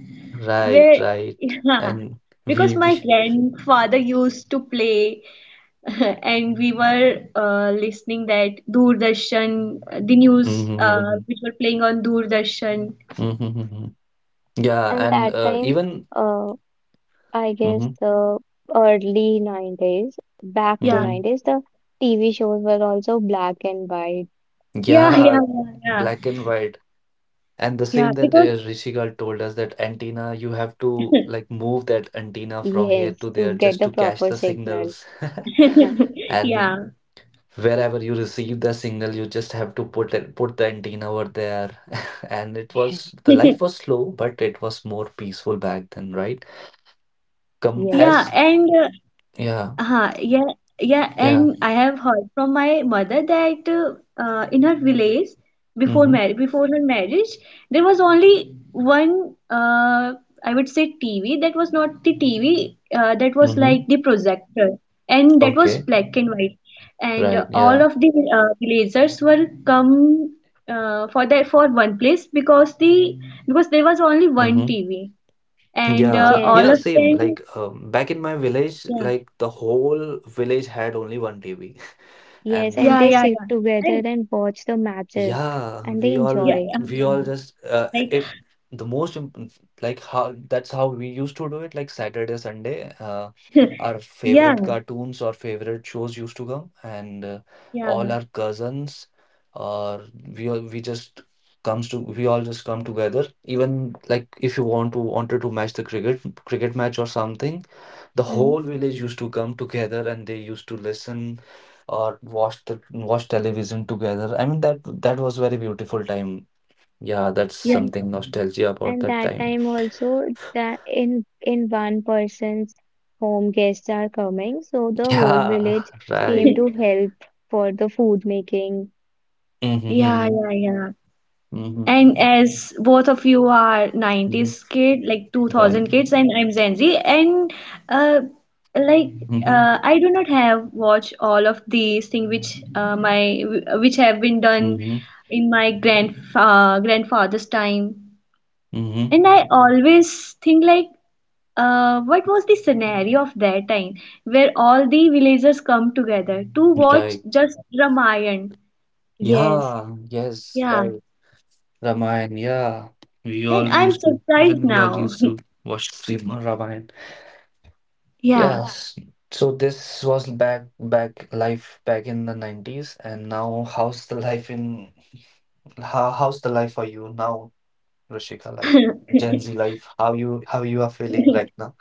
[SPEAKER 3] Where,
[SPEAKER 1] right, right.
[SPEAKER 3] yeah,
[SPEAKER 1] And
[SPEAKER 3] because
[SPEAKER 1] we,
[SPEAKER 3] my
[SPEAKER 1] we
[SPEAKER 3] grandfather used to play, and we were uh, listening that Doordarshan, uh, the
[SPEAKER 1] hmm,
[SPEAKER 3] news uh, which
[SPEAKER 1] hmm,
[SPEAKER 3] were playing on Doordarshan.
[SPEAKER 1] hmm, hmm. Yeah,
[SPEAKER 2] And
[SPEAKER 1] and
[SPEAKER 2] that
[SPEAKER 1] uh,
[SPEAKER 2] time,
[SPEAKER 1] even
[SPEAKER 2] uh, I guess
[SPEAKER 1] hmm
[SPEAKER 2] the early nineties, back to
[SPEAKER 3] Yeah,
[SPEAKER 1] hmm,
[SPEAKER 2] nineties, the T V shows were also black and white.
[SPEAKER 3] yeah, yeah,
[SPEAKER 1] yeah,
[SPEAKER 3] yeah, yeah,
[SPEAKER 1] black and white. And the
[SPEAKER 3] yeah,
[SPEAKER 1] same that uh,
[SPEAKER 3] because,
[SPEAKER 1] Rishikal told us that antenna, you have to like move that antenna from here
[SPEAKER 2] Yes,
[SPEAKER 1] to there
[SPEAKER 2] to get
[SPEAKER 1] just
[SPEAKER 2] the
[SPEAKER 1] to catch
[SPEAKER 2] proper
[SPEAKER 1] the
[SPEAKER 2] signal.
[SPEAKER 1] signals.
[SPEAKER 3] yeah,
[SPEAKER 1] And wherever you receive the signal, you just have to put it put the antenna over there and it was the life was slow but it was more peaceful back then, right? Come
[SPEAKER 2] Yes.
[SPEAKER 3] yeah,
[SPEAKER 1] as
[SPEAKER 3] and uh,
[SPEAKER 1] yeah,
[SPEAKER 3] Uh-huh, yeah, yeah,
[SPEAKER 1] yeah,
[SPEAKER 3] and I have heard from my mother that uh, uh, in her village, before
[SPEAKER 1] mm-hmm,
[SPEAKER 3] marriage, before her marriage, there was only one uh, I would say T V, that was not the T V, uh, that was
[SPEAKER 1] mm-hmm,
[SPEAKER 3] like the projector, and that was
[SPEAKER 1] okay,
[SPEAKER 3] black and white, and uh,
[SPEAKER 1] right, yeah,
[SPEAKER 3] all of the uh, villagers were come uh, for that for one place, because the because there was only one
[SPEAKER 1] mm-hmm,
[SPEAKER 3] T V, and uh,
[SPEAKER 1] yeah,
[SPEAKER 2] Yes.
[SPEAKER 1] yeah,
[SPEAKER 3] all of
[SPEAKER 1] same
[SPEAKER 3] them,
[SPEAKER 1] like um, back in my village
[SPEAKER 3] yeah,
[SPEAKER 1] like the whole village had only one TV.
[SPEAKER 2] Yes,
[SPEAKER 1] And
[SPEAKER 2] and
[SPEAKER 3] yeah,
[SPEAKER 2] they
[SPEAKER 3] yeah,
[SPEAKER 2] sit
[SPEAKER 3] yeah.
[SPEAKER 2] together
[SPEAKER 3] And
[SPEAKER 2] and watch the matches
[SPEAKER 1] yeah,
[SPEAKER 2] and they
[SPEAKER 1] we all
[SPEAKER 3] Yeah,
[SPEAKER 2] enjoy.
[SPEAKER 3] yeah,
[SPEAKER 1] we
[SPEAKER 3] yeah.
[SPEAKER 1] all just uh,
[SPEAKER 3] Like,
[SPEAKER 1] it, the most imp- like how that's how we used to do it like Saturday, Sunday. Uh, our favorite
[SPEAKER 3] yeah,
[SPEAKER 1] cartoons or favorite shows used to come, and uh, all
[SPEAKER 3] yeah,
[SPEAKER 1] our cousins or we all we just comes to we all just come together. Even like if you want to wanted to match the cricket cricket match or something, the
[SPEAKER 2] Mm.
[SPEAKER 1] whole
[SPEAKER 3] yeah,
[SPEAKER 1] village used to come together and they used to listen or watch the watch television together. I mean that that was very beautiful time. Yeah, that's
[SPEAKER 3] yeah,
[SPEAKER 2] And
[SPEAKER 1] something nostalgia about
[SPEAKER 2] and
[SPEAKER 1] that
[SPEAKER 2] that
[SPEAKER 1] time.
[SPEAKER 2] time also that in in one person's home guests are coming, so the whole
[SPEAKER 1] Yeah,
[SPEAKER 2] village came
[SPEAKER 1] right.
[SPEAKER 2] to help for the food making.
[SPEAKER 3] yeah,
[SPEAKER 1] Mm-hmm,
[SPEAKER 3] yeah, yeah.
[SPEAKER 1] mm-hmm, mm-hmm,
[SPEAKER 3] And as both of you are
[SPEAKER 1] mm-hmm,
[SPEAKER 3] nineties kid, like
[SPEAKER 1] right.
[SPEAKER 3] two thousand kids, and I'm Gen Z, and uh, like
[SPEAKER 1] Mm-hmm,
[SPEAKER 3] uh, I do not have watched all of these things which uh, my which have been done
[SPEAKER 1] mm-hmm,
[SPEAKER 3] in my grand uh, grandfather's time.
[SPEAKER 1] mm-hmm,
[SPEAKER 3] And I always think like uh, what was the scenario of that time where all the villagers come together to watch
[SPEAKER 1] right.
[SPEAKER 3] just ramayan,
[SPEAKER 2] Yes,
[SPEAKER 1] Yeah, yes,
[SPEAKER 3] yeah,
[SPEAKER 1] right. Ramayana, yeah. We
[SPEAKER 3] and
[SPEAKER 1] all
[SPEAKER 3] I'm
[SPEAKER 1] used to,
[SPEAKER 3] surprised
[SPEAKER 1] even we all
[SPEAKER 3] now.
[SPEAKER 1] used to watch Sri- Ramayana.
[SPEAKER 3] yeah
[SPEAKER 1] Yeah. s- So this was back back life back in the nineties. And now how's the life in how, how's the life for you now, Rishika? Like Gen Z life, how you how you are feeling right now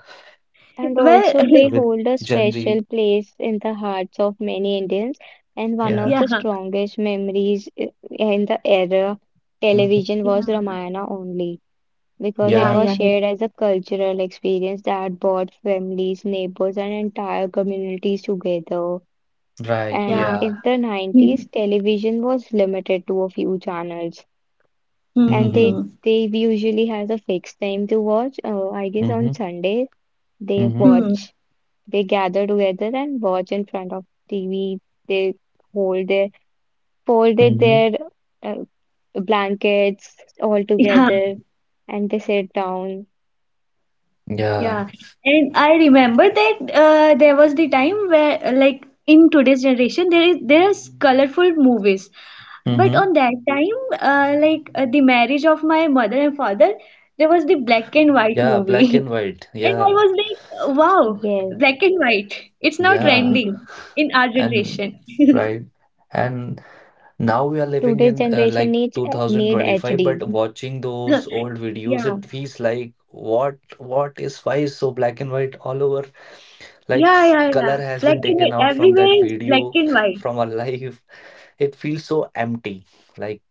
[SPEAKER 2] and
[SPEAKER 3] well
[SPEAKER 2] also they
[SPEAKER 1] with
[SPEAKER 2] hold a
[SPEAKER 1] Gen Z?
[SPEAKER 2] special place in the hearts of many Indians, and one
[SPEAKER 1] Yeah.
[SPEAKER 2] of
[SPEAKER 3] yeah
[SPEAKER 2] the strongest memories i- in the era
[SPEAKER 1] hmm
[SPEAKER 2] television was
[SPEAKER 3] yeah
[SPEAKER 2] Ramayana only, because
[SPEAKER 3] yeah
[SPEAKER 2] it
[SPEAKER 1] Yeah,
[SPEAKER 2] was
[SPEAKER 3] yeah
[SPEAKER 2] shared as a cultural experience that brought families, neighbors, and entire communities together.
[SPEAKER 1] right.
[SPEAKER 3] yeah
[SPEAKER 2] And
[SPEAKER 1] Yeah.
[SPEAKER 2] in the nineties,
[SPEAKER 3] Hmm,
[SPEAKER 2] television was limited to a few channels,
[SPEAKER 3] hmm,
[SPEAKER 2] and
[SPEAKER 1] Mm-hmm.
[SPEAKER 2] they
[SPEAKER 3] hmm,
[SPEAKER 2] they usually has a fixed time to watch. Uh, I guess
[SPEAKER 1] Mm-hmm.
[SPEAKER 2] on Sunday they
[SPEAKER 1] Mm-hmm.
[SPEAKER 3] hmm, hmm.
[SPEAKER 2] watch, they gather together and watch in front of T V. They hold their folded
[SPEAKER 1] Mm-hmm.
[SPEAKER 2] their uh, blankets all
[SPEAKER 3] yeah
[SPEAKER 2] together, and they sit down.
[SPEAKER 1] Yeah.
[SPEAKER 3] Yeah, and I remember that uh, there was the time where, uh, like, in today's generation, there is there's colorful movies, but
[SPEAKER 1] Mm-hmm.
[SPEAKER 3] on that time, uh, like uh, the marriage of my mother and father, there was the black and white
[SPEAKER 1] Yeah, black
[SPEAKER 3] movie,
[SPEAKER 1] and white.
[SPEAKER 3] and I
[SPEAKER 1] Yeah.
[SPEAKER 3] was like, wow,
[SPEAKER 2] Yes.
[SPEAKER 3] black and white, it's now
[SPEAKER 1] Yeah.
[SPEAKER 3] trending in our
[SPEAKER 1] And
[SPEAKER 3] generation.
[SPEAKER 1] right. And now we are living
[SPEAKER 2] Today's
[SPEAKER 1] in uh,
[SPEAKER 2] generation
[SPEAKER 1] like
[SPEAKER 2] needs eh, need
[SPEAKER 1] two thousand twenty-five, but
[SPEAKER 2] H D.
[SPEAKER 1] watching those
[SPEAKER 3] Yeah,
[SPEAKER 1] old videos,
[SPEAKER 3] yeah,
[SPEAKER 1] it feels like what what is why is so black and white all over? Like s-
[SPEAKER 3] yeah, yeah.
[SPEAKER 1] color has
[SPEAKER 3] Black
[SPEAKER 1] been
[SPEAKER 3] and
[SPEAKER 1] taken
[SPEAKER 3] white
[SPEAKER 1] out from that
[SPEAKER 3] everywhere is black
[SPEAKER 1] video,
[SPEAKER 3] and white.
[SPEAKER 1] from our life. It feels so empty. Like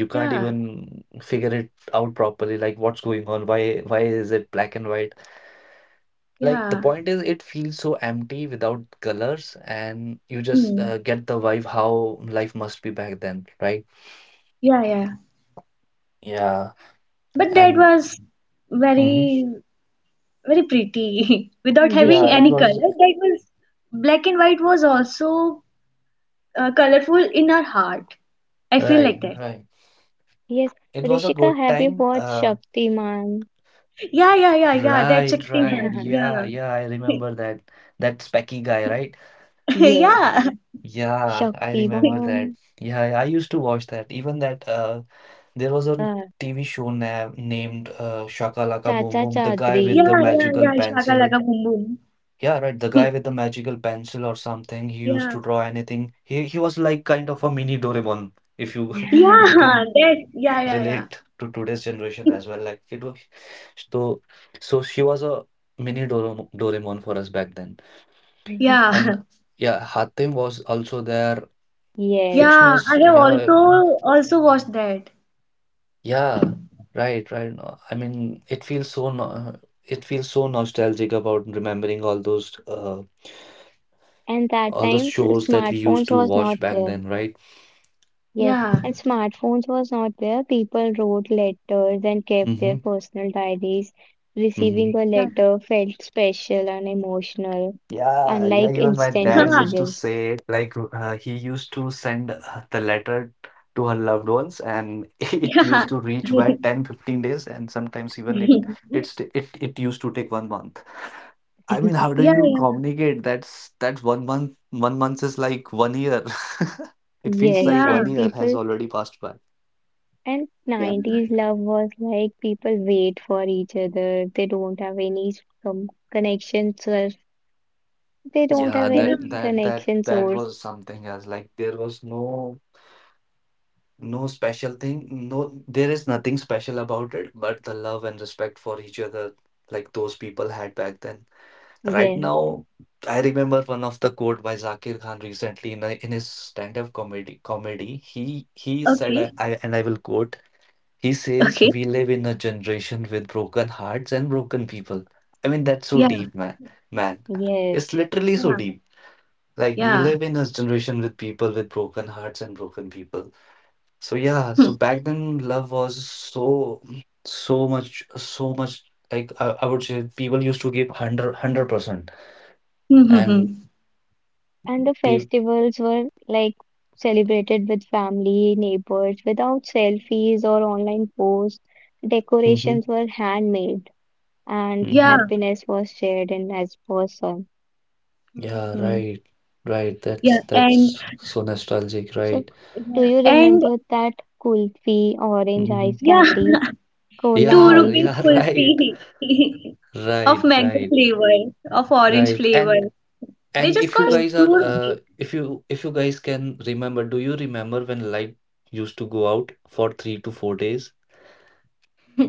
[SPEAKER 1] you can't
[SPEAKER 3] Yeah,
[SPEAKER 1] even figure it out properly. Like what's going on? Why why is it black and white? Like the
[SPEAKER 3] yeah,
[SPEAKER 1] point is, it feels so empty without colors, and you just
[SPEAKER 3] Hmm.
[SPEAKER 1] uh, get the vibe how life must be back then, right?
[SPEAKER 3] Yeah, yeah.
[SPEAKER 1] Yeah,
[SPEAKER 3] But that
[SPEAKER 1] and
[SPEAKER 3] was
[SPEAKER 1] hmm
[SPEAKER 3] very, very pretty without having
[SPEAKER 1] yeah, it
[SPEAKER 2] Rishika,
[SPEAKER 3] any color.
[SPEAKER 1] was
[SPEAKER 3] That was, black and white was also uh, colorful in our heart. I feel
[SPEAKER 1] right,
[SPEAKER 3] like that.
[SPEAKER 1] right.
[SPEAKER 2] yes,
[SPEAKER 1] It was a
[SPEAKER 2] Rishika,
[SPEAKER 1] good
[SPEAKER 2] have you
[SPEAKER 1] time.
[SPEAKER 2] watched
[SPEAKER 1] Uh,
[SPEAKER 2] Shaktiman?
[SPEAKER 3] Yeah, yeah, yeah, yeah. That's
[SPEAKER 1] right, right.
[SPEAKER 3] Shaktiman.
[SPEAKER 1] Yeah,
[SPEAKER 3] Yeah.
[SPEAKER 1] yeah, I remember that. That specky guy, right?
[SPEAKER 2] Yeah,
[SPEAKER 3] Yeah.
[SPEAKER 1] Yeah, I remember that.
[SPEAKER 2] Shaktiman,
[SPEAKER 1] Yeah, I used to watch that. Even that uh there was a
[SPEAKER 2] uh,
[SPEAKER 1] T V show na named uh, Shakalaka Boom
[SPEAKER 2] Chacha
[SPEAKER 1] Boom, the guy
[SPEAKER 2] Chaudhary.
[SPEAKER 1] with the
[SPEAKER 3] Yeah, yeah,
[SPEAKER 1] magical
[SPEAKER 3] yeah. Shaka
[SPEAKER 1] pencil.
[SPEAKER 3] Laka Boom Boom.
[SPEAKER 1] Yeah, right, the guy with the magical pencil or something. He used
[SPEAKER 3] Yeah.
[SPEAKER 1] to draw anything. He he was like kind of a mini Doraemon, if you if you can
[SPEAKER 3] Yeah, that. Yeah, yeah,
[SPEAKER 1] relate to today's generation
[SPEAKER 3] yeah.
[SPEAKER 1] as well. Like it was so so she was a mini Doremo- Doraemon for us back then. And
[SPEAKER 3] Yeah.
[SPEAKER 1] yeah, Hatim was also there.
[SPEAKER 2] Yes,
[SPEAKER 3] Yeah,
[SPEAKER 1] Fictioners,
[SPEAKER 3] I have
[SPEAKER 1] yeah,
[SPEAKER 3] also also watched that.
[SPEAKER 1] yeah, right, right. No, I mean, it feels so no, it feels so nostalgic about remembering all those uh
[SPEAKER 2] and that
[SPEAKER 1] all those
[SPEAKER 2] time s-
[SPEAKER 1] shows that we used
[SPEAKER 2] smartphones
[SPEAKER 1] to
[SPEAKER 2] was not
[SPEAKER 1] watch back
[SPEAKER 2] there.
[SPEAKER 1] then, right?
[SPEAKER 2] Yes,
[SPEAKER 3] Yeah.
[SPEAKER 2] and smartphones was not there. People wrote letters and kept their
[SPEAKER 1] Mm-hmm.
[SPEAKER 2] personal diaries. Receiving
[SPEAKER 1] Mm-hmm.
[SPEAKER 2] a
[SPEAKER 3] Yeah.
[SPEAKER 2] letter felt special and emotional,
[SPEAKER 1] Yeah, yeah,
[SPEAKER 2] unlike
[SPEAKER 1] even my
[SPEAKER 2] instant
[SPEAKER 1] dad used to
[SPEAKER 2] messages.
[SPEAKER 1] say, like, uh, he used to send uh, the letter to her loved ones, and it
[SPEAKER 3] Yeah.
[SPEAKER 1] used to reach by ten, fifteen days, and sometimes even it it's t- it it used to take one month. I mean, how do
[SPEAKER 3] Yeah.
[SPEAKER 1] you communicate? That's that one month, one month is like one year. It feels
[SPEAKER 2] Yes,
[SPEAKER 1] like one
[SPEAKER 2] and
[SPEAKER 3] Yeah,
[SPEAKER 1] year has
[SPEAKER 2] people
[SPEAKER 1] already passed by.
[SPEAKER 2] and
[SPEAKER 3] yeah,
[SPEAKER 2] nineties love was like people wait for each other. They don't have any s- com connection source. They don't
[SPEAKER 1] Yeah,
[SPEAKER 2] have
[SPEAKER 3] yeah,
[SPEAKER 1] that
[SPEAKER 2] any
[SPEAKER 1] that that
[SPEAKER 2] connection
[SPEAKER 1] that
[SPEAKER 2] source.
[SPEAKER 1] was something else. Like there was no no special thing. No, there is nothing special about it, but the love and respect for each other, like those people had back then. Right
[SPEAKER 2] Yes,
[SPEAKER 1] now, I
[SPEAKER 3] yeah.
[SPEAKER 1] remember one of the quote by Zakir Khan recently in, a, in his stand-up comedy. Comedy, he he said, I,
[SPEAKER 3] Okay,
[SPEAKER 1] I and I will quote. He says,
[SPEAKER 3] okay.
[SPEAKER 1] "We live in a generation with broken hearts and broken people." I mean, that's so
[SPEAKER 3] Yeah,
[SPEAKER 1] deep, man. Man,
[SPEAKER 2] yes.
[SPEAKER 1] it's literally so
[SPEAKER 3] yeah,
[SPEAKER 1] deep. Like we
[SPEAKER 3] yeah.
[SPEAKER 1] live in a generation with people with broken hearts and broken people. So yeah, so back then love was so so much so much Like I, I would say people used to give hundred hundred percent
[SPEAKER 3] Hmm, hmm, hmm,
[SPEAKER 1] and
[SPEAKER 3] hmm.
[SPEAKER 2] And the
[SPEAKER 1] people
[SPEAKER 2] festivals were like celebrated with family, neighbors, without selfies or online posts.
[SPEAKER 1] mm-hmm,
[SPEAKER 2] Decorations were handmade and
[SPEAKER 3] Yeah,
[SPEAKER 1] mm-hmm.
[SPEAKER 2] happiness was shared in as person.
[SPEAKER 3] hmm,
[SPEAKER 1] Yeah,
[SPEAKER 3] hmm, hmm.
[SPEAKER 1] right. Right. That's
[SPEAKER 3] yeah, and
[SPEAKER 1] that's so nostalgic,
[SPEAKER 2] So,
[SPEAKER 1] right?
[SPEAKER 2] do
[SPEAKER 3] yeah,
[SPEAKER 2] you
[SPEAKER 3] and
[SPEAKER 2] remember that kulfi, orange
[SPEAKER 1] Mm-hmm.
[SPEAKER 2] ice
[SPEAKER 3] yeah,
[SPEAKER 2] candy, cola
[SPEAKER 3] two
[SPEAKER 1] Yeah,
[SPEAKER 3] rupees
[SPEAKER 2] ice?
[SPEAKER 1] yeah, right.
[SPEAKER 3] kulfi of
[SPEAKER 1] Right,
[SPEAKER 3] mango
[SPEAKER 1] right.
[SPEAKER 3] flavor, of orange
[SPEAKER 1] Right.
[SPEAKER 3] flavor.
[SPEAKER 1] And
[SPEAKER 3] They
[SPEAKER 1] and
[SPEAKER 3] just
[SPEAKER 1] if you
[SPEAKER 3] cost
[SPEAKER 2] They,
[SPEAKER 1] guys
[SPEAKER 3] two
[SPEAKER 1] are uh
[SPEAKER 3] rupees.
[SPEAKER 1] if you if you guys can remember, do you remember when light used to go out for three to four days,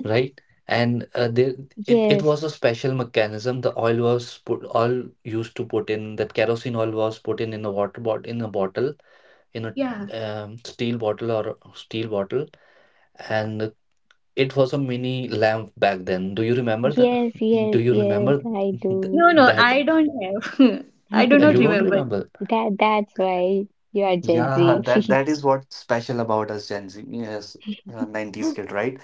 [SPEAKER 1] right? And uh, there, it, it
[SPEAKER 2] yes,
[SPEAKER 1] was a special mechanism. The oil was put, oil used to put in that kerosene oil was put in in a water bottle, in a bottle, in a
[SPEAKER 3] Yeah.
[SPEAKER 1] um, steel bottle or a steel bottle, and it was a mini lamp back then. Do you remember the?
[SPEAKER 2] yes, yes,
[SPEAKER 1] Do you
[SPEAKER 2] yes,
[SPEAKER 1] remember
[SPEAKER 2] I
[SPEAKER 1] th
[SPEAKER 2] do.
[SPEAKER 3] No, no,
[SPEAKER 1] that?
[SPEAKER 3] I don't have. I do
[SPEAKER 1] Uh,
[SPEAKER 3] not
[SPEAKER 1] you don't
[SPEAKER 3] remember.
[SPEAKER 1] remember?
[SPEAKER 2] That that's why you are Gen
[SPEAKER 1] Yeah,
[SPEAKER 2] Z.
[SPEAKER 1] that that is what's special about us Gen Z, yes, uh, nineties kid, right?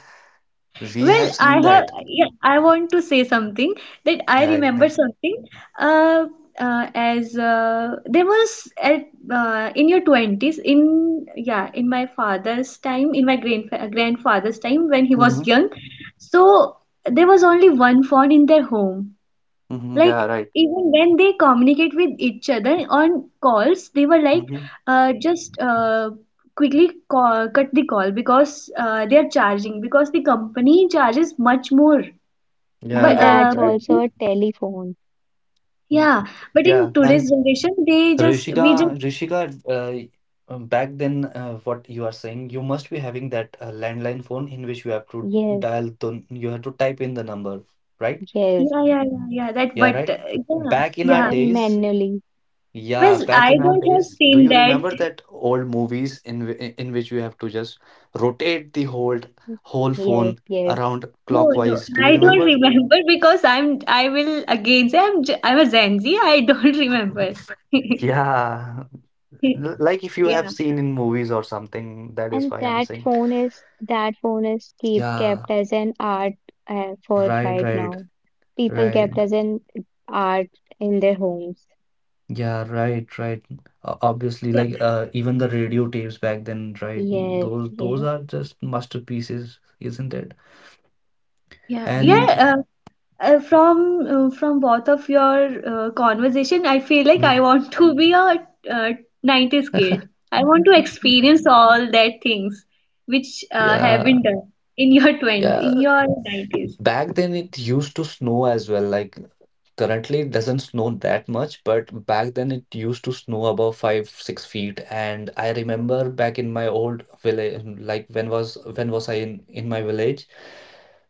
[SPEAKER 1] We
[SPEAKER 3] Well,
[SPEAKER 1] have
[SPEAKER 3] I
[SPEAKER 1] seen that.
[SPEAKER 3] have, yeah, I want to say something that I
[SPEAKER 1] Yeah,
[SPEAKER 3] remember
[SPEAKER 1] right.
[SPEAKER 3] something. Uh, uh, as uh, there was at uh, in your twenties, in yeah in my father's time, in my grand grandfather's time when he was
[SPEAKER 1] Mm-hmm.
[SPEAKER 3] young, so there was only one phone in their home,
[SPEAKER 1] Mm-hmm.
[SPEAKER 3] like
[SPEAKER 1] Yeah,
[SPEAKER 3] even when they communicate with each other on calls, they were like
[SPEAKER 1] right.
[SPEAKER 3] uh, just uh, quickly call, cut the call because uh, they are charging because the company charges much more.
[SPEAKER 2] And
[SPEAKER 1] Yeah,
[SPEAKER 3] but
[SPEAKER 1] right,
[SPEAKER 2] that's
[SPEAKER 3] uh, but
[SPEAKER 1] right.
[SPEAKER 2] also a
[SPEAKER 3] in-
[SPEAKER 2] telephone.
[SPEAKER 1] Mm,
[SPEAKER 3] yeah, but
[SPEAKER 1] yeah,
[SPEAKER 3] in today's
[SPEAKER 1] and
[SPEAKER 3] generation they just we just
[SPEAKER 1] Rishika, Rishika, uh, um, back then, uh, what you are saying, you must be having that uh, landline phone in which you have to
[SPEAKER 2] Yes,
[SPEAKER 1] dial the, you have to type in the number, right?
[SPEAKER 2] yes.
[SPEAKER 3] yeah yeah yeah, yeah that
[SPEAKER 1] Yeah,
[SPEAKER 3] but
[SPEAKER 1] right.
[SPEAKER 3] uh, yeah
[SPEAKER 1] Back in our
[SPEAKER 3] yeah
[SPEAKER 2] Then
[SPEAKER 1] days,
[SPEAKER 2] manually.
[SPEAKER 1] yeah,
[SPEAKER 3] well
[SPEAKER 1] back
[SPEAKER 3] I
[SPEAKER 1] in our
[SPEAKER 3] don't have
[SPEAKER 1] days, do
[SPEAKER 3] seen
[SPEAKER 1] you
[SPEAKER 3] that.
[SPEAKER 1] remember that old movies in whi- in which you have to just rotate the whole whole
[SPEAKER 2] Yes,
[SPEAKER 1] phone
[SPEAKER 2] yes.
[SPEAKER 1] around
[SPEAKER 3] no no
[SPEAKER 1] clockwise? Do
[SPEAKER 3] I
[SPEAKER 1] you
[SPEAKER 3] don't
[SPEAKER 1] remember?
[SPEAKER 3] remember because I'm I will again say I'm j- I'm a Gen Z, I don't remember.
[SPEAKER 1] Yeah. L- Like if you
[SPEAKER 3] Yeah,
[SPEAKER 1] have seen in movies or something, that is
[SPEAKER 2] And
[SPEAKER 1] why I'm
[SPEAKER 2] that
[SPEAKER 1] saying.
[SPEAKER 2] phone is that phone is keep
[SPEAKER 1] Yeah,
[SPEAKER 2] kept as an art uh, for
[SPEAKER 1] right,
[SPEAKER 2] right
[SPEAKER 1] right,
[SPEAKER 2] now. People kept
[SPEAKER 1] right.
[SPEAKER 2] as an art in their homes.
[SPEAKER 1] Yeah, right, right. O- Obviously,
[SPEAKER 3] yeah,
[SPEAKER 1] like uh, even the radio tapes back then, right? mm,
[SPEAKER 2] Yes,
[SPEAKER 1] Those those
[SPEAKER 2] yes,
[SPEAKER 1] are just masterpieces, isn't it?
[SPEAKER 3] Yeah,
[SPEAKER 2] mhm.
[SPEAKER 1] And
[SPEAKER 3] yeah. Uh, uh, from uh, from both of your uh, conversation, I feel like I want to be a uh, nineties kid. I want to experience all that things which uh, have
[SPEAKER 1] yeah,
[SPEAKER 3] been done in your twenties,
[SPEAKER 1] yeah.
[SPEAKER 3] in your nineties.
[SPEAKER 1] Back then it used to snow as well. Like currently, it doesn't snow that much, but back then it used to snow about five, six feet. And I remember back in my old village, like when was when was I in in my village?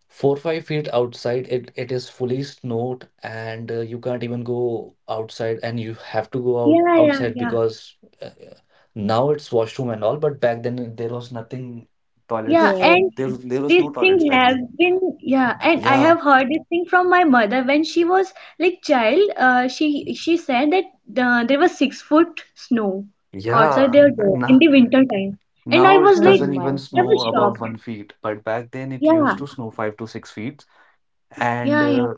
[SPEAKER 1] Four, five feet outside, it it is fully snowed, and uh, you can't even go outside, and you have to go out
[SPEAKER 3] Yeah, yeah,
[SPEAKER 1] outside
[SPEAKER 3] yeah.
[SPEAKER 1] because uh, now it's washroom and all, but back then there was nothing
[SPEAKER 3] Yeah,
[SPEAKER 1] toilets.
[SPEAKER 2] Yes.
[SPEAKER 3] and
[SPEAKER 1] There there was
[SPEAKER 3] this
[SPEAKER 1] no toilets
[SPEAKER 3] thing
[SPEAKER 1] back
[SPEAKER 3] has
[SPEAKER 1] then.
[SPEAKER 3] been yeah and I
[SPEAKER 1] Yeah,
[SPEAKER 3] have heard this thing from my mother when she was like child, uh, she she said that uh, there was six foot snow outside
[SPEAKER 1] yeah.
[SPEAKER 3] their door in
[SPEAKER 1] Now
[SPEAKER 3] the winter time, and I
[SPEAKER 1] now it
[SPEAKER 3] was like,
[SPEAKER 2] Oh
[SPEAKER 1] doesn't
[SPEAKER 2] my
[SPEAKER 1] even
[SPEAKER 3] I
[SPEAKER 2] God.
[SPEAKER 1] snow
[SPEAKER 3] was
[SPEAKER 1] above
[SPEAKER 3] shocked.
[SPEAKER 1] one feet, but back then it
[SPEAKER 3] yeah
[SPEAKER 1] used to snow five to six feet. And
[SPEAKER 3] yeah yeah
[SPEAKER 1] uh,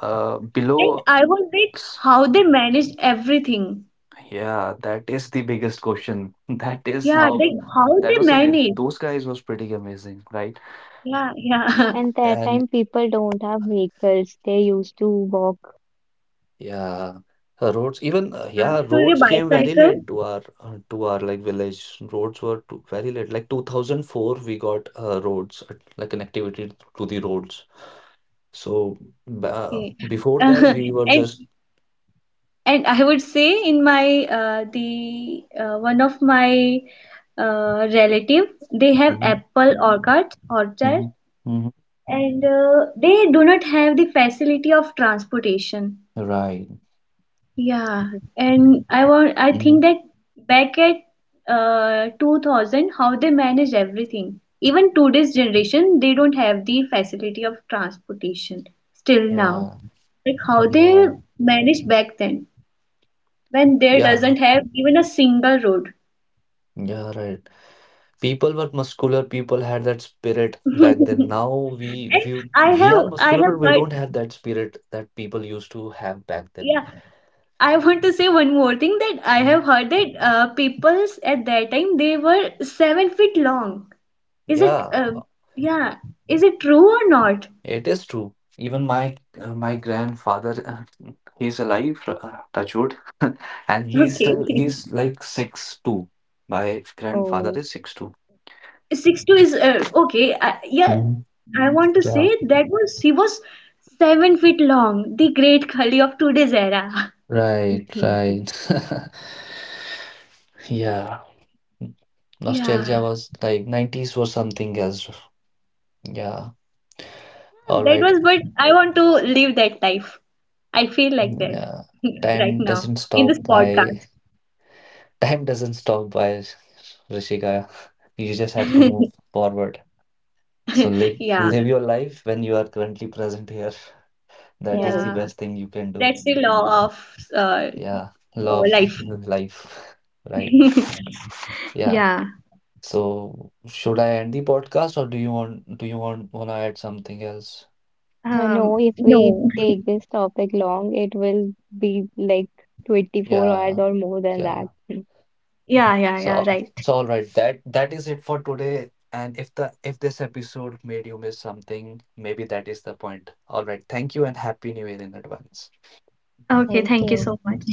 [SPEAKER 1] uh,
[SPEAKER 3] and
[SPEAKER 1] below,
[SPEAKER 3] I was like
[SPEAKER 1] s-
[SPEAKER 3] how they managed everything.
[SPEAKER 1] yeah, that is the biggest question. That is
[SPEAKER 3] Yeah like
[SPEAKER 1] how
[SPEAKER 3] how
[SPEAKER 1] that
[SPEAKER 3] they
[SPEAKER 1] was amazing.
[SPEAKER 3] managed
[SPEAKER 1] Those guys was pretty amazing, right?
[SPEAKER 3] yeah yeah
[SPEAKER 2] And that
[SPEAKER 1] And
[SPEAKER 2] time people don't have vehicles. They used to walk.
[SPEAKER 1] yeah, uh, roads even uh,
[SPEAKER 3] to
[SPEAKER 1] yeah,
[SPEAKER 3] the
[SPEAKER 1] roads came very
[SPEAKER 3] bicycle.
[SPEAKER 1] late to our uh, to our like village. Roads were too, very late. Like two thousand four, we got uh, roads uh, like connectivity to the roads. So b- uh,
[SPEAKER 3] Okay.
[SPEAKER 1] before that, we were
[SPEAKER 3] and
[SPEAKER 1] just
[SPEAKER 3] and I would say in my uh, the uh, one of my uh, relative, they have
[SPEAKER 1] mhm,
[SPEAKER 3] apple orchard orchard,
[SPEAKER 1] mhm, mhm.
[SPEAKER 3] and uh, they do not have the facility of transportation,
[SPEAKER 1] Right.
[SPEAKER 3] yeah, and i want I think
[SPEAKER 1] Mhm.
[SPEAKER 3] that back at uh, two thousand, how they manage everything. Even today's generation they don't have the facility of transportation still now,
[SPEAKER 1] Yeah,
[SPEAKER 3] like how they
[SPEAKER 1] yeah,
[SPEAKER 3] managed back then when there doesn't
[SPEAKER 1] yeah,
[SPEAKER 3] have even a single road.
[SPEAKER 1] yeah, right. People were muscular, people had that spirit back then. Now we
[SPEAKER 3] And
[SPEAKER 1] we
[SPEAKER 3] I
[SPEAKER 1] we
[SPEAKER 3] have
[SPEAKER 1] are
[SPEAKER 3] I
[SPEAKER 1] muscular,
[SPEAKER 3] have
[SPEAKER 1] but we
[SPEAKER 3] heard,
[SPEAKER 1] don't have that spirit that people used to have back then.
[SPEAKER 3] yeah, I want to say one more thing, that I have
[SPEAKER 1] Mhm.
[SPEAKER 3] heard that uh, peoples at that time they were seven feet long. Is it
[SPEAKER 1] Yeah,
[SPEAKER 3] uh,
[SPEAKER 1] uh,
[SPEAKER 3] yeah, is it true or not?
[SPEAKER 1] it is true. Even my uh, my grandfather, uh, he's alive, uh, touch wood, and he's
[SPEAKER 3] Okay,
[SPEAKER 1] still he's like six two. My grandfather
[SPEAKER 2] Oh,
[SPEAKER 1] is six two.
[SPEAKER 3] six two is uh, okay. Uh, yeah,
[SPEAKER 1] Mm,
[SPEAKER 3] I want to
[SPEAKER 1] yeah.
[SPEAKER 3] say that was he was seven feet long, the great Khali of today's era.
[SPEAKER 1] Right, right. Yeah.
[SPEAKER 3] Yeah.
[SPEAKER 1] Nostalgia was like nineties was something else. Yeah. All
[SPEAKER 3] That was,
[SPEAKER 1] right.
[SPEAKER 3] but I want to live that life. I feel like that
[SPEAKER 1] Yeah.
[SPEAKER 3] right
[SPEAKER 1] Time
[SPEAKER 3] now
[SPEAKER 1] doesn't
[SPEAKER 3] in this
[SPEAKER 1] stop by.
[SPEAKER 3] podcast.
[SPEAKER 1] time doesn't stop by, Rishika. You just have to move forward. So live
[SPEAKER 3] Yeah,
[SPEAKER 1] live your life when you are currently present here. That is
[SPEAKER 2] yes.
[SPEAKER 1] the
[SPEAKER 3] yeah.
[SPEAKER 1] best thing you can do.
[SPEAKER 3] That's the law of uh,
[SPEAKER 1] Yeah.
[SPEAKER 3] uh,
[SPEAKER 1] Love
[SPEAKER 3] life.
[SPEAKER 1] life. Right. Yeah.
[SPEAKER 3] Yeah.
[SPEAKER 1] So should I end the podcast, or do you want do you want wanna add something else?
[SPEAKER 2] I know
[SPEAKER 3] Um,
[SPEAKER 2] if we
[SPEAKER 3] no.
[SPEAKER 2] take this topic long, it will be like twenty-four hours
[SPEAKER 1] Yeah.
[SPEAKER 2] or more than that.
[SPEAKER 1] Yeah.
[SPEAKER 3] Yeah, yeah, yeah,
[SPEAKER 1] So
[SPEAKER 3] right.
[SPEAKER 1] so all right, that that is it for today. And if the if this episode made you miss something, maybe that is the point. All right, thank you, and happy new year in advance.
[SPEAKER 3] Okay,
[SPEAKER 2] Thank
[SPEAKER 3] thank you
[SPEAKER 2] you.
[SPEAKER 3] so much.